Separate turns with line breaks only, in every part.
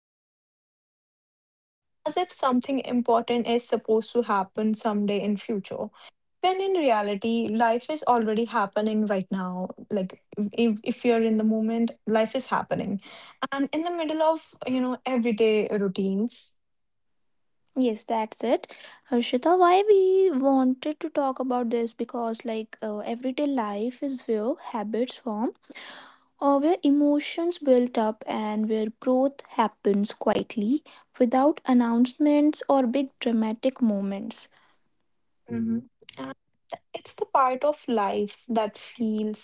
for life to start, as if something important is supposed to happen someday in future, when in reality life is already happening right now, like if you're in the moment life is happening, and in the middle of, you know, everyday routines.
Yes, that's it. Harshita, why we wanted to talk about this because, like, everyday life is where habits form, or where emotions build up, and where growth happens quietly without announcements or big dramatic moments.
Hmm Mhm. And it's the part of life that feels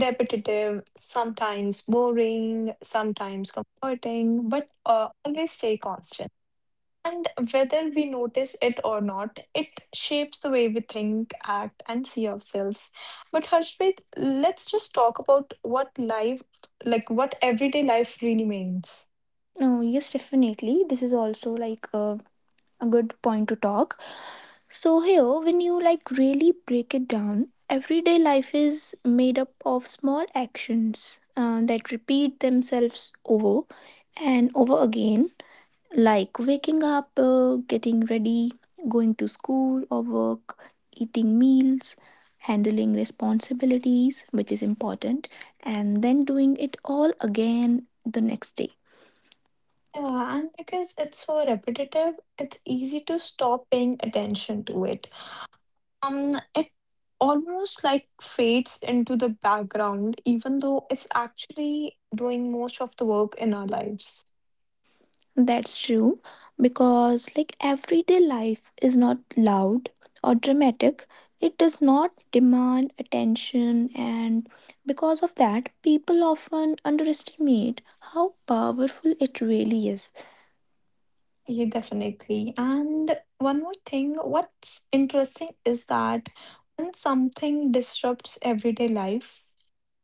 repetitive sometimes, boring sometimes, comforting, but always stay constant. And whether we notice it or not, it shapes the way we think, act, and see ourselves. But Harshvit, let's just talk about what life, like what everyday life really means.
No, yes, definitely. This is also like a good point to talk. So here, when you like really break it down, everyday life is made up of small actions that repeat themselves over and over again, like waking up, getting ready, going to school or work, eating meals, handling responsibilities, which is important, and then doing it all again the next day.
Yeah, and because it's so repetitive, it's easy to stop paying attention to it. It almost like fades into the background, even though it's actually doing most of the work in our lives.
That's true because, like, everyday life is not loud or dramatic. It does not demand attention, and because of that, people often underestimate how powerful it really is.
Yeah, definitely. And one more thing, what's interesting is that when something disrupts everyday life,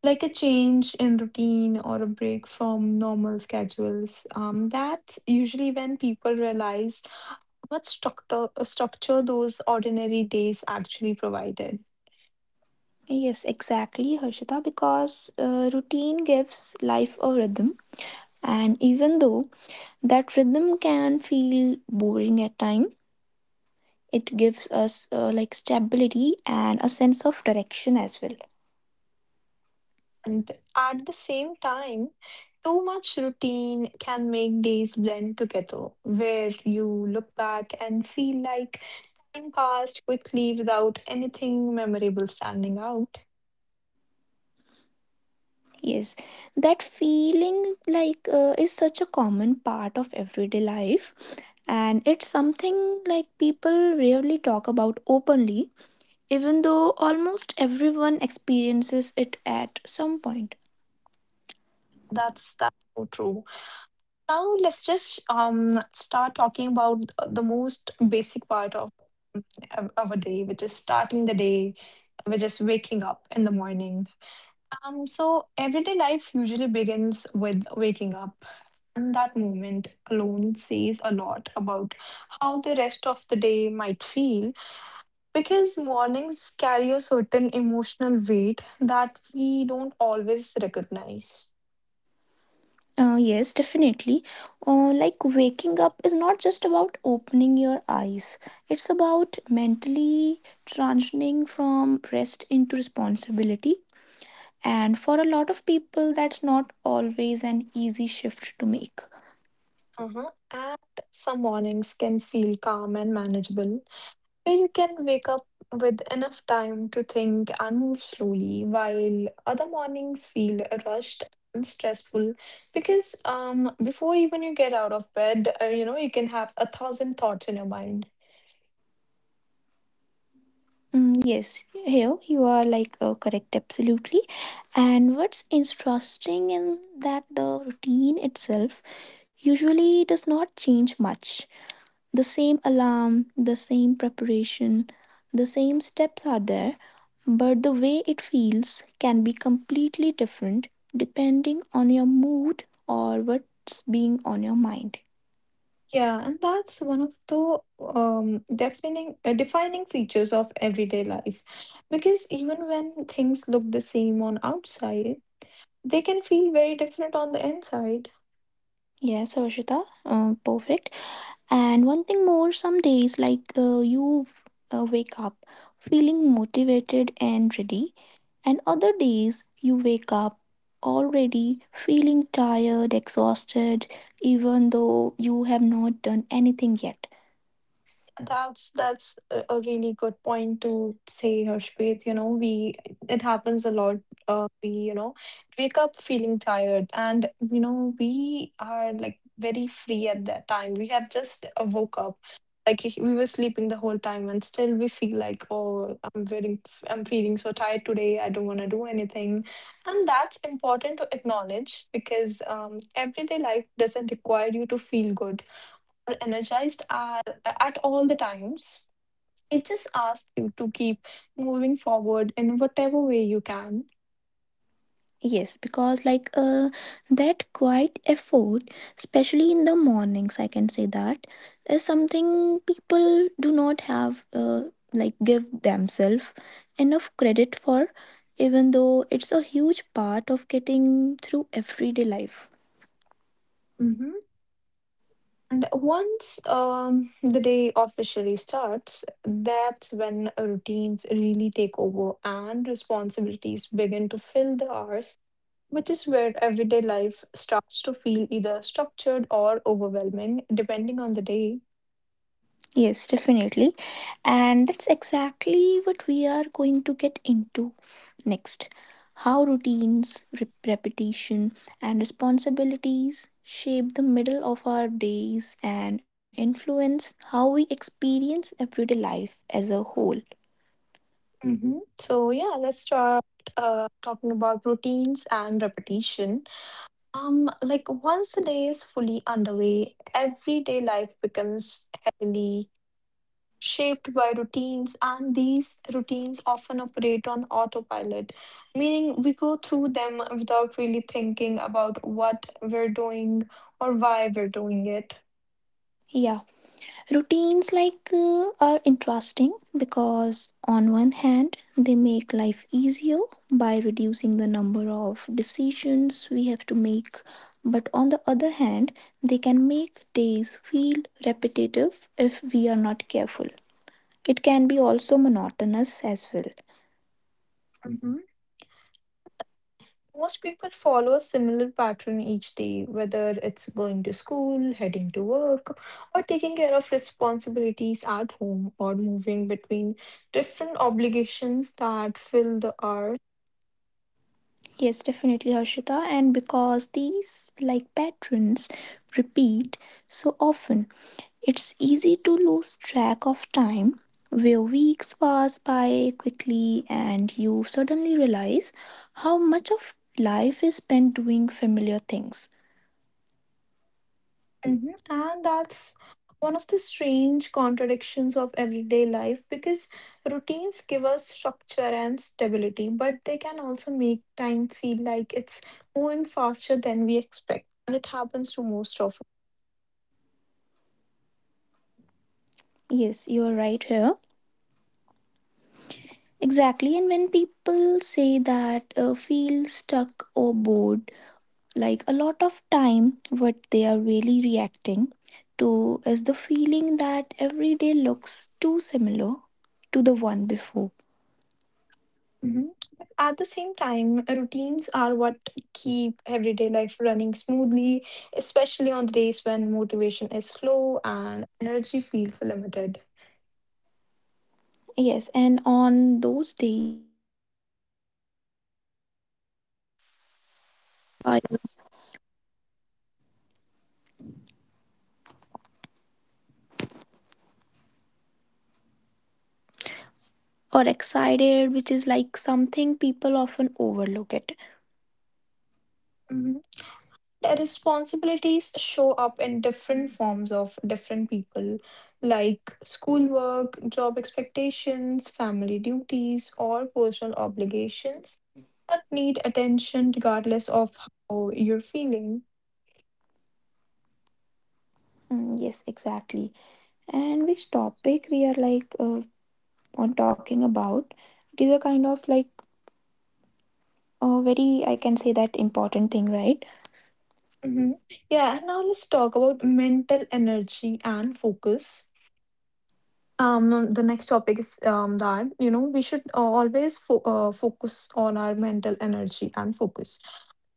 like a change in routine or a break from normal schedules, that's usually when people realize what structure those ordinary days actually provided.
Yes, exactly, Harshita, because routine gives life a rhythm, and even though that rhythm can feel boring at time, it gives us like stability and a sense of direction as well.
And at the same time, too much routine can make days blend together, where you look back and feel like time passed quickly without anything memorable standing out.
Yes, that feeling like is such a common part of everyday life, and it's something like people rarely talk about openly, even though almost everyone experiences it at some point.
That's so true. Now let's just start talking about the most basic part of a day, which is starting the day, which is waking up in the morning. So everyday life usually begins with waking up. And that moment alone says a lot about how the rest of the day might feel, because mornings carry a certain emotional weight that we don't always recognize.
Yes, definitely. Like waking up is not just about opening your eyes, it's about mentally transitioning from rest into responsibility. And for a lot of people, that's not always an easy shift to make.
Uh-huh. And some mornings can feel calm and manageable, where you can wake up with enough time to think and move slowly, while other mornings feel rushed and stressful because before even you get out of bed, you know, you can have a thousand thoughts in your mind.
Mm, yes, here you are like correct, absolutely. And what's interesting in that the routine itself usually does not change much. The same alarm, the same preparation, the same steps are there, but the way it feels can be completely different depending on your mood or what's being on your mind.
Yeah, and that's one of the defining features of everyday life, because even when things look the same on outside, they can feel very different on the inside.
Yes, Arshita, perfect. And one thing more, some days like you wake up feeling motivated and ready, and other days you wake up already feeling tired, exhausted, even though you have not done anything yet.
That's a really good point to say, Harshpreet. You know, we, it happens a lot. We, you know, wake up feeling tired, and you know we are like very free at that time. We have just woke up, like if we were sleeping the whole time, and still we feel like, oh, I'm very, I'm feeling so tired today. I don't want to do anything, and that's important to acknowledge because everyday life doesn't require you to feel good or energized at all the times. It just asks you to keep moving forward in whatever way you can.
Yes, because like that quiet effort, especially in the mornings, I can say that is something people do not have, like give themselves enough credit for, even though it's a huge part of getting through everyday life.
Mhm. And once the day officially starts, that's when routines really take over and responsibilities begin to fill the hours, which is where everyday life starts to feel either structured or overwhelming, depending on the day.
Yes, definitely. And that's exactly what we are going to get into next. How routines, repetition, and responsibilities shape the middle of our days and influence how we experience everyday life as a whole.
Hmm Mhm. So, yeah, let's start talking about routines and repetition. Like once the day is fully underway, everyday life becomes heavily shaped by routines, and these routines often operate on autopilot, meaning we go through them without really thinking about what we're doing or why we're doing it.
Yeah, routines like are interesting because on one hand they make life easier by reducing the number of decisions we have to make, but on the other hand they can make days feel repetitive if we are not careful. It can be also monotonous as well.
Hmm Most people follow a similar pattern each day, whether it's going to school, heading to work, or taking care of responsibilities at home, or moving between different obligations that fill the hours.
Yes, definitely, Harshita. And because these like patterns repeat so often, it's easy to lose track of time where weeks pass by quickly and you suddenly realize how much of life is spent doing familiar things.
Mhm. And that's one of the strange contradictions of everyday life, because routines give us structure and stability, but they can also make time feel like it's moving faster than we expect. And it happens to most of us.
Yes, you are right here. Exactly. And when people say that feel stuck or bored, like a lot of time what they are really reacting to is the feeling that every day looks too similar to the one before.
Mhm. But at the same time, routines are what keep everyday life running smoothly, especially on the days when motivation is slow and energy feels limited.
Yes, and on those days
Or excited, which is like something people often overlook it.
The responsibilities show up in different forms of different people, like schoolwork, job expectations, family duties, or personal obligations that need attention regardless of how you're feeling.
Mm, yes, exactly. And which topic we are like on talking about? It is a kind of like a very I can say that important thing, right?
Mhm. Yeah, and now let's talk about mental energy and focus. Um, the next topic is that you know we should always focus on our mental energy and focus.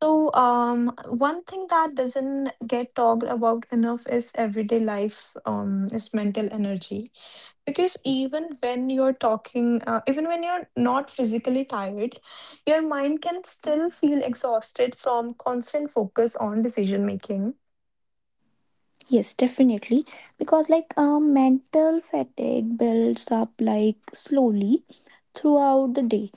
So, one thing that doesn't get talked about enough is everyday life, is mental energy. Because even when you're talking, even when you're not physically tired, your mind can still feel exhausted from constant focus on decision making.
Yes, definitely. Because like mental fatigue builds up like slowly throughout the day,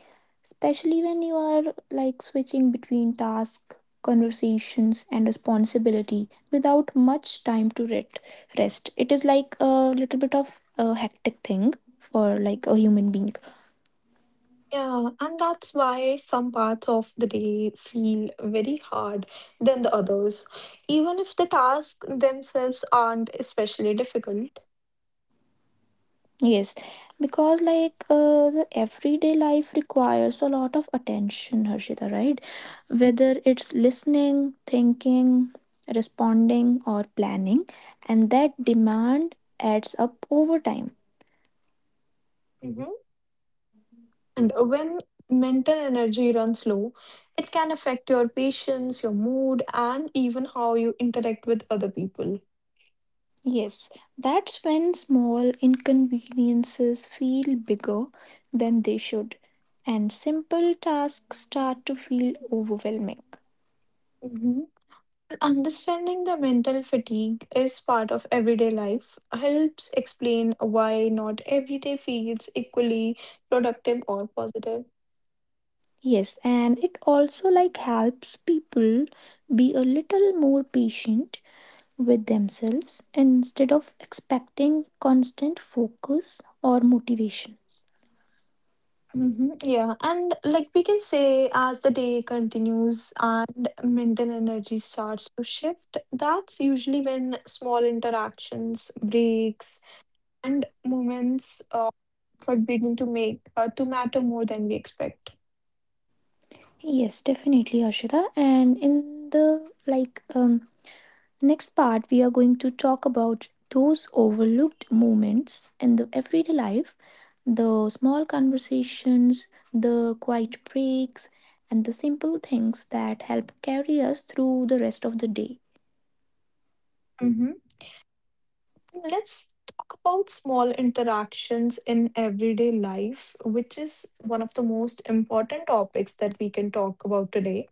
especially when you are like switching between tasks, conversations, and responsibility without much time to rest. It is like a little bit of a hectic thing for like a human being.
Yeah, and that's why some parts of the day feel very hard than the others, even if the tasks themselves aren't especially difficult.
Yes, because like the everyday life requires a lot of attention, Harshita, right? Whether it's listening, thinking, responding, or planning, and that demand adds up over time.
Mhm. And when mental energy runs low, it can affect your patience, your mood, and even how you interact with other people.
Yes, that's when small inconveniences feel bigger than they should, and simple tasks start to feel overwhelming.
Mhm. Understanding the mental fatigue is part of everyday life, helps explain why not every day feels equally productive or positive.
Yes, and it also like helps people be a little more patient with themselves instead of expecting constant focus or motivation.
Hmm Yeah, and like we can say, as the day continues and mental energy starts to shift, that's usually when small interactions, breaks, and moments that begin to matter more than we expect.
Yes, definitely, Ashita. And in the like next part, we are going to talk about those overlooked moments in the everyday life, the small conversations, the quiet breaks, and the simple things that help carry us through the rest of the day.
Hmm Let's talk about small interactions in everyday life, which is one of the most important topics that we can talk about today.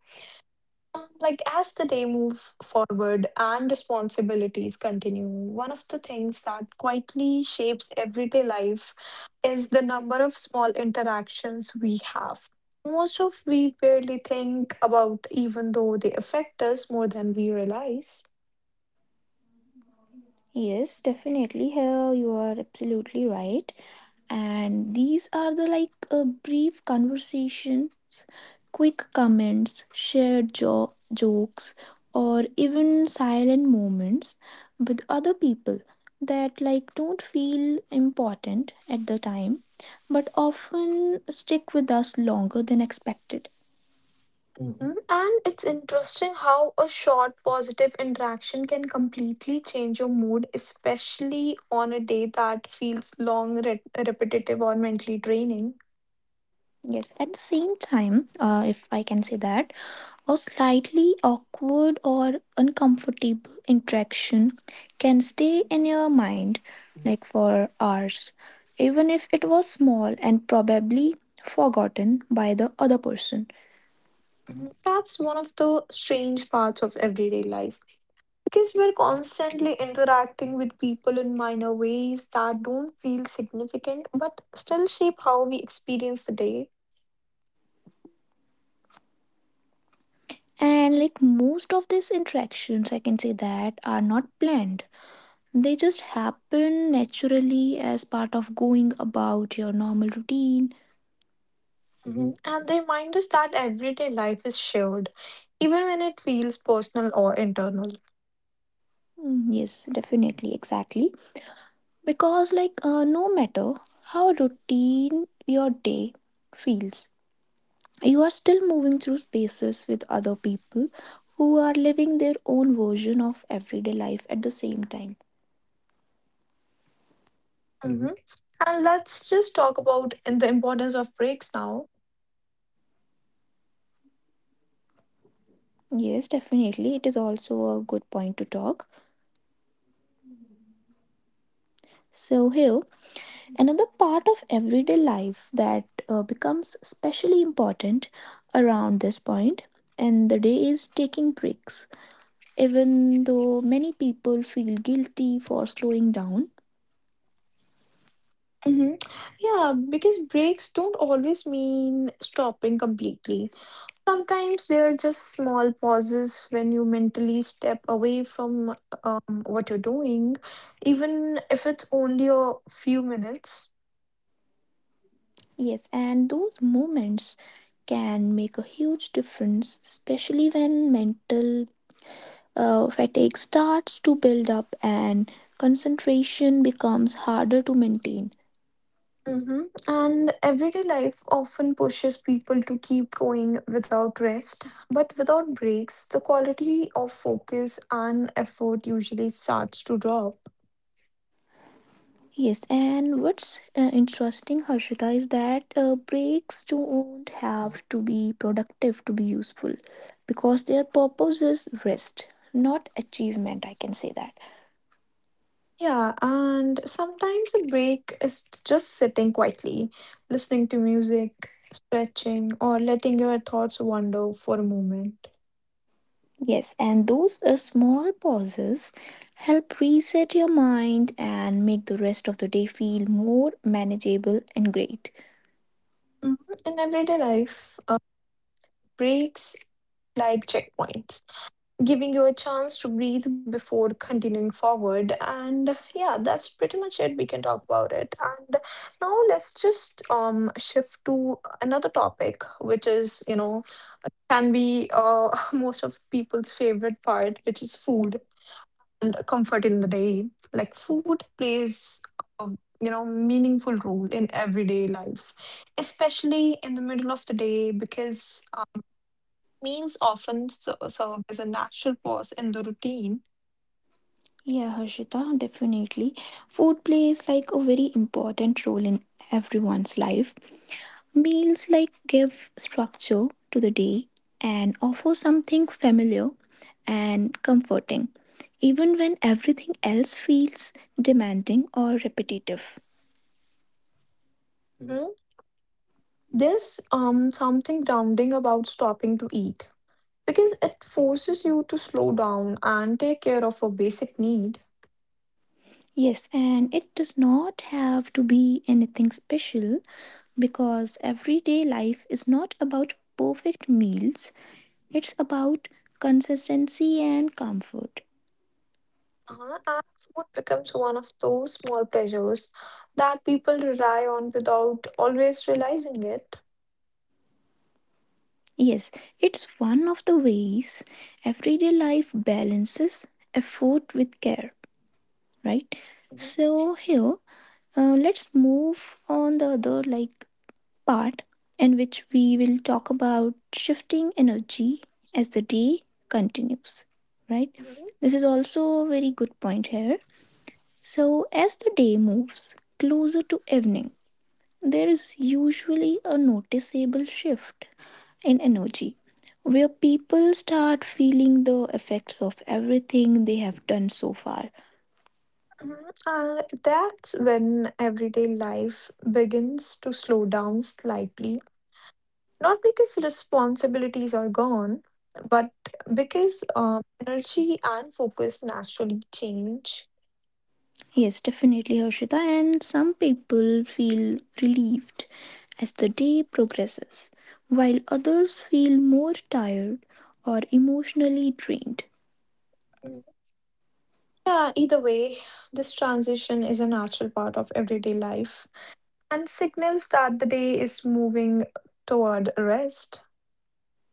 Like as the day move forward and responsibilities continue, one of the things that quietly shapes everyday life is the number of small interactions we have. Most of we barely think about, even though they affect us more than we realize.
Yes, definitely. Here you are absolutely right. And these are the like brief conversations, quick comments, shared jokes, or even silent moments with other people that like don't feel important at the time, but often stick with us longer than expected.
Mhm. And it's interesting how a short positive interaction can completely change your mood, especially on a day that feels long, repetitive, or mentally draining.
Yes, at the same time, if I can say that, a slightly awkward or uncomfortable interaction can stay in your mind like for hours, even if it was small and probably forgotten by the other person.
That's one of the strange parts of everyday life, because we're constantly interacting with people in minor ways that don't feel significant but still shape how we experience the day.
And like most of these interactions, I can say that are not planned. They just happen naturally as part of going about your normal routine.
Hmm Mhm. And they remind us that everyday life is shared, even when it feels personal or internal.
Mm, yes, definitely, exactly. Because like no matter how routine your day feels, you are still moving through spaces with other people who are living their own version of everyday life at the same time.
Hmm Mhm. And let's just talk about in the importance of breaks now.
Yes, definitely, it is also a good point to talk. So here, another part of everyday life that becomes especially important around this point and the day is taking breaks, even though many people feel guilty for slowing down.
Mhm. Yeah, because breaks don't always mean stopping completely. Sometimes there are just small pauses when you mentally step away from what you're doing, even if it's only a few minutes.
Yes, and those moments can make a huge difference, especially when mental fatigue starts to build up and concentration becomes harder to maintain.
Hmm And everyday life often pushes people to keep going without rest, but without breaks, the quality of focus and effort usually starts to drop.
Yes, and what's interesting, Harshita, is that breaks don't have to be productive to be useful because their purpose is rest, not achievement. I can say that.
Yeah, and sometimes a break is just sitting quietly, listening to music, stretching, or letting your thoughts wander for a moment.
Yes, and those small pauses help reset your mind and make the rest of the day feel more manageable and great.
Mhm. In everyday life, breaks like checkpoints, giving you a chance to breathe before continuing forward. And yeah, that's pretty much it. We can talk about it. And now let's just shift to another topic, which is, you know, can be most of people's favorite part, which is food and comfort in the day. Like food plays a, you know, meaningful role in everyday life, especially in the middle of the day, because meals often serve as a natural pause in the routine.
Yeah, Harshita, definitely. Food plays like a very important role in everyone's life. Meals like give structure to the day and offer something familiar and comforting, even when everything else feels demanding or repetitive.
Mhm. Hmm? There's something grounding about stopping to eat, because it forces you to slow down and take care of a basic need.
Yes, and it does not have to be anything special because everyday life is not about perfect meals, it's about consistency and comfort.
And food becomes one of those small pleasures that people rely on without always realizing it.
Yes, it's one of the ways everyday life balances effort with care, right?
Mhm,
So, here, let's move on the other like part in which we will talk about shifting energy as the day continues, right?
mhm,
This is also a very good point here. So, as the day moves closer to evening, there is usually a noticeable shift in energy where people start feeling the effects of everything they have done so far.
mhm. And that's when everyday life begins to slow down slightly, not because responsibilities are gone, but because energy and focus naturally change.
Yes, definitely, Harshita. And some people feel relieved as the day progresses, while others feel more tired or emotionally drained.
Mm. Yeah, either way, this transition is a natural part of everyday life and signals that the day is moving toward rest.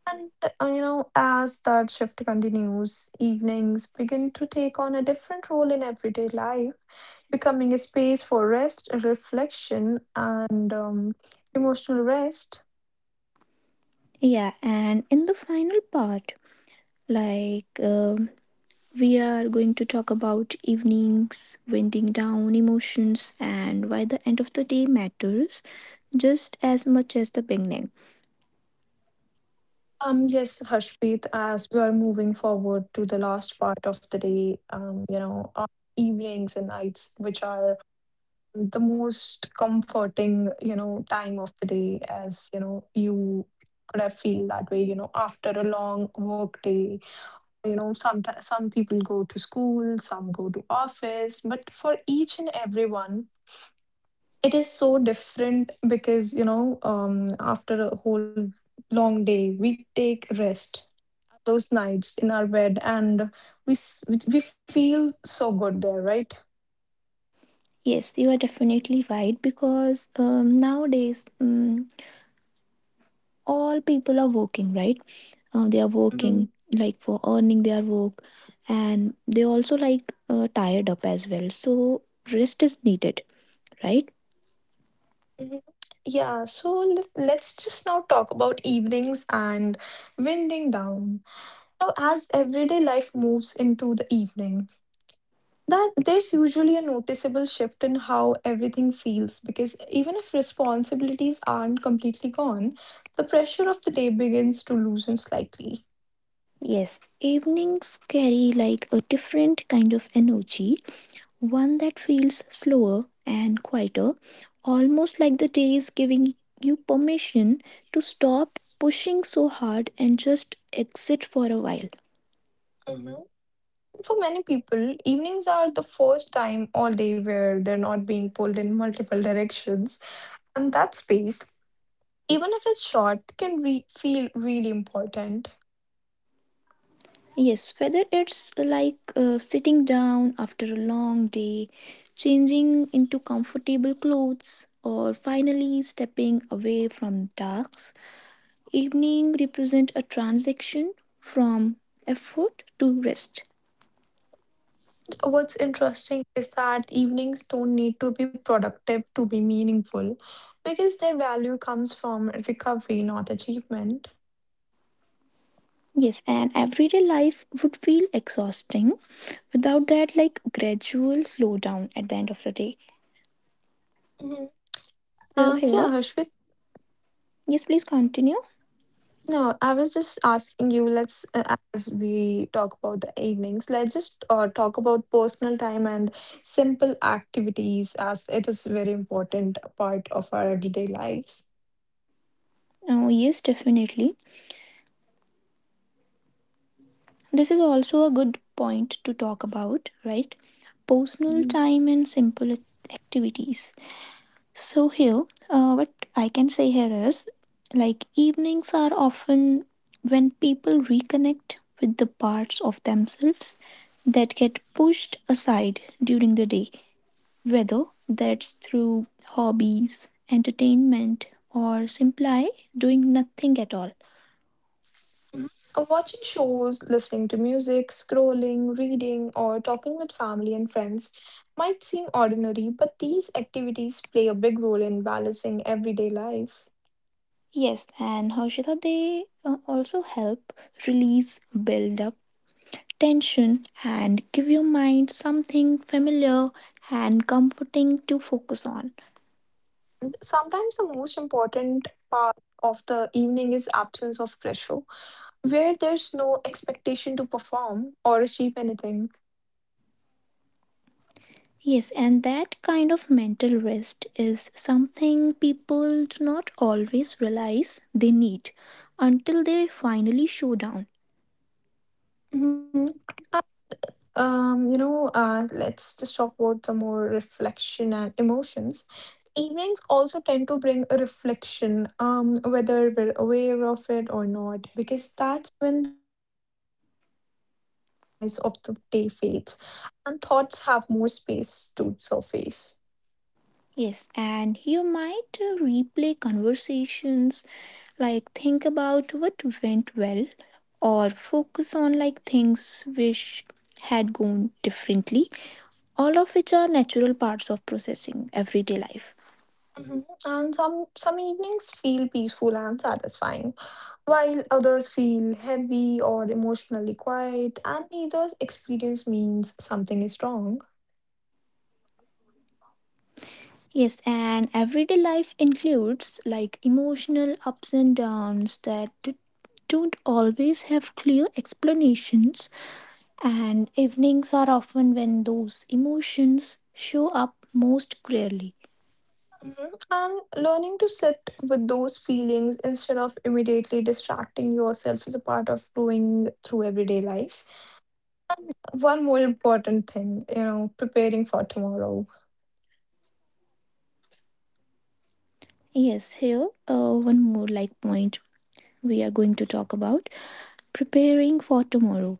And you know, as that shift continues, evenings begin to take on a different role in everyday life, becoming a space for rest, reflection, and emotional rest.
Yeah, and in the final part, like we are going to talk about evenings, winding down emotions, and why the end of the day matters just as much as the beginning.
Yes, Harshpreet, as we are moving forward to the last part of the day, you know, evenings and nights, which are the most comforting, you know, time of the day, as you know, you could have feel that way, you know, after a long work day. You know, some people go to school, some go to office, but for each and everyone, it is so different because, you know, after a whole long day, we take rest those nights in our bed and we s- we feel so good there, right?
Yes, you are definitely right because nowadays, all people are working, right? They are
hmm
working like for earning their work, and they also like tired up as well, so rest is needed, right?
hmm Yeah, so let's just now talk about evenings and winding down. So as everyday life moves into the evening, that there's usually a noticeable shift in how everything feels, because even if responsibilities aren't completely gone, the pressure of the day begins to loosen slightly.
Yes, evenings carry like a different kind of energy, one that feels slower and quieter, almost like the day is giving you permission to stop pushing so hard and just exit for a while.
Hmm Mhm. For many people, evenings are the first time all day where they're not being pulled in multiple directions, and that space, even if it's short, feel really important.
Yes, whether it's like sitting down after a long day, changing into comfortable clothes, or finally stepping away from tasks, evening represent a transition from effort to rest.
What's interesting is that evenings don't need to be productive to be meaningful because their value comes from recovery, not achievement.
Yes, and everyday life would feel exhausting without that like gradual slowdown at the end of the day.
Mhm.
So
Uh,
here,
yeah, Harshvit.
yes, please continue.
No, I was just asking you. Let's, as we talk about the evenings, let's just talk about personal time and simple activities, as it is very important part of our everyday life.
Oh, yes, definitely. This is also a good point to talk about, right? Personal time and simple activities. So, here, what I can say here is like evenings are often when people reconnect with the parts of themselves that get pushed aside during the day, whether that's through hobbies, entertainment, or simply doing nothing at all.
Watching shows, listening to music, scrolling, reading, or talking with family and friends might seem ordinary, but these activities play a big role in balancing everyday life.
Yes, and Harshita, they also help release, build up tension, and give your mind something familiar and comforting to focus on.
Sometimes the most important part of the evening is absence of pressure, where there's no expectation to perform or achieve anything.
Yes, and that kind of mental rest is something people do not always realize they need until they finally show down.
Mhm. Let's just talk about the more reflection and emotions. Evenings also tend to bring a reflection, whether we're aware of it or not, because that's when the noise of the day fades and thoughts have more space to surface.
Yes, and you might replay conversations, like think about what went well, or focus on like things which had gone differently, all of which are natural parts of processing everyday life.
Mhm. And some evenings feel peaceful and satisfying, while others feel heavy or emotionally quiet, and neither experience means something is wrong.
Yes, and everyday life includes like emotional ups and downs that don't always have clear explanations, and evenings are often when those emotions show up most clearly.
Mhm. And learning to sit with those feelings instead of immediately distracting yourself is a part of growing through everyday life. One more important thing, you know, preparing for tomorrow.
Yes, here, one more like point we are going to talk about, preparing for tomorrow,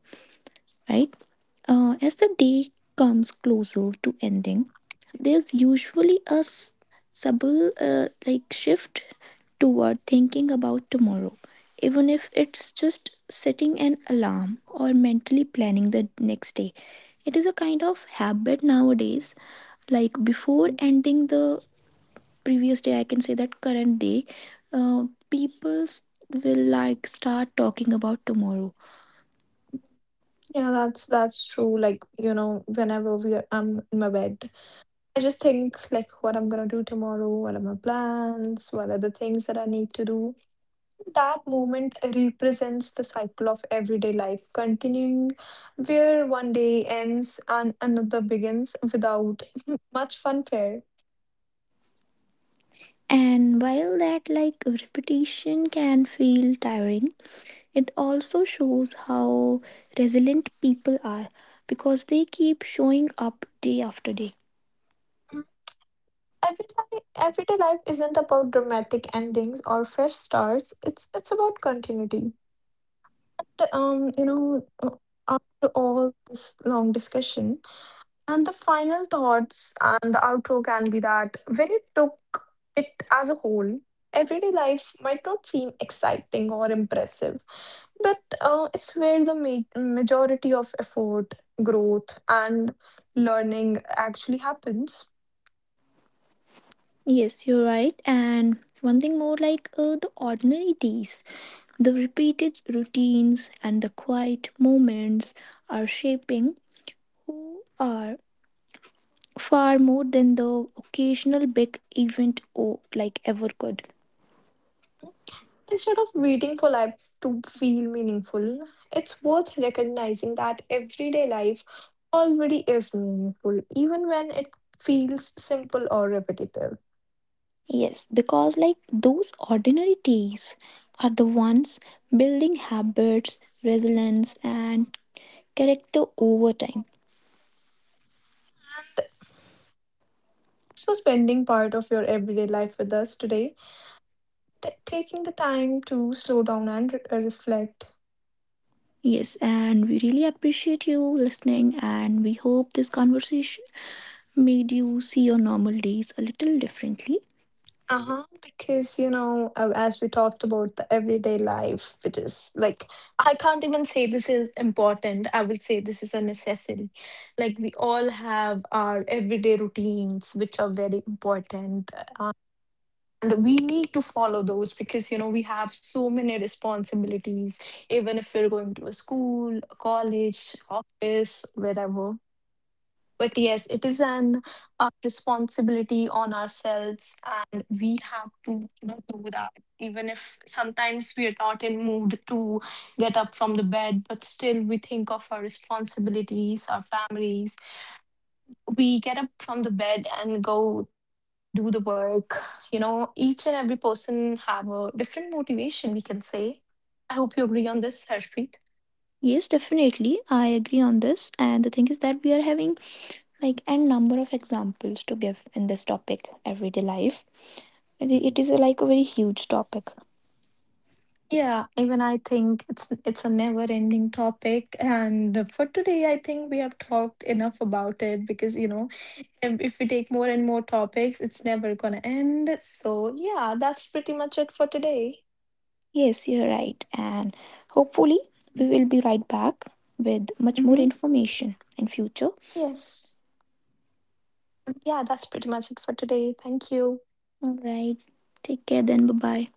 right? As the day comes closer to ending, there's usually a subtle like shift toward thinking about tomorrow, even if it's just setting an alarm or mentally planning the next day. It is a kind of habit nowadays. Like before
Mhm.
ending the previous day, I can say that current day, uh, people will like start talking about tomorrow.
Yeah, that's true. Like, you know, I'm in my bed, I just think like what I'm gonna do tomorrow, what are my plans, what are the things that I need to do. That moment represents the cycle of everyday life, continuing where one day ends and another begins without much funfare.
And while that like repetition can feel tiring, it also shows how resilient people are because they keep showing up day after day.
Everyday life isn't about dramatic endings or fresh starts. It's about continuity. But after all this long discussion, and the final thoughts and the outro can be that when you took it as a whole, everyday life might not seem exciting or impressive, but it's where the majority of effort, growth, and learning actually happens.
Yes, you're right. And one thing more, like the ordinary days, the repeated routines and the quiet moments are shaping who are far more than the occasional big event or like ever could.
Instead of waiting for life to feel meaningful, it's worth recognizing that everyday life already is meaningful, even when it feels simple or repetitive.
Yes, because like those ordinary days are the ones building habits, resilience, and character over time.
So spending part of your everyday life with us today, taking the time to slow down and reflect.
Yes, and we really appreciate you listening, and we hope this conversation made you see your normal days a little differently.
Uh-huh. Because, you know, as we talked about the everyday life, which is like, I can't even say this is important. I will say this is a necessity. Like, we all have our everyday routines, which are very important. And we need to follow those because, you know, we have so many responsibilities, even if we're going to a school, a college, office, wherever. But yes, it is an responsibility on ourselves, and we have to, you know, do that. Even if sometimes we are not in mood to get up from the bed, but still we think of our responsibilities, our families, we get up from the bed and go and do the work. You know, each and every person have a different motivation, we can say. I hope you agree on this, Harshpreet.
Yes, definitely, I agree on this. And the thing is that we are having like a number of examples to give in this topic, everyday life. It
Mm.
it is like a very huge topic.
Yeah, even I think it's a never-ending topic, and for today, I think we have talked enough about it because you know, if we take more and more topics, it's never gonna end. So yeah, that's pretty much it for today.
Yes, you're right. And hopefully, we
Mm.
will be right back with much more
Mm-hmm.
information in future.
Yes. Yeah, that's pretty much it for today. Thank you.
All right. Take care then. Bye bye.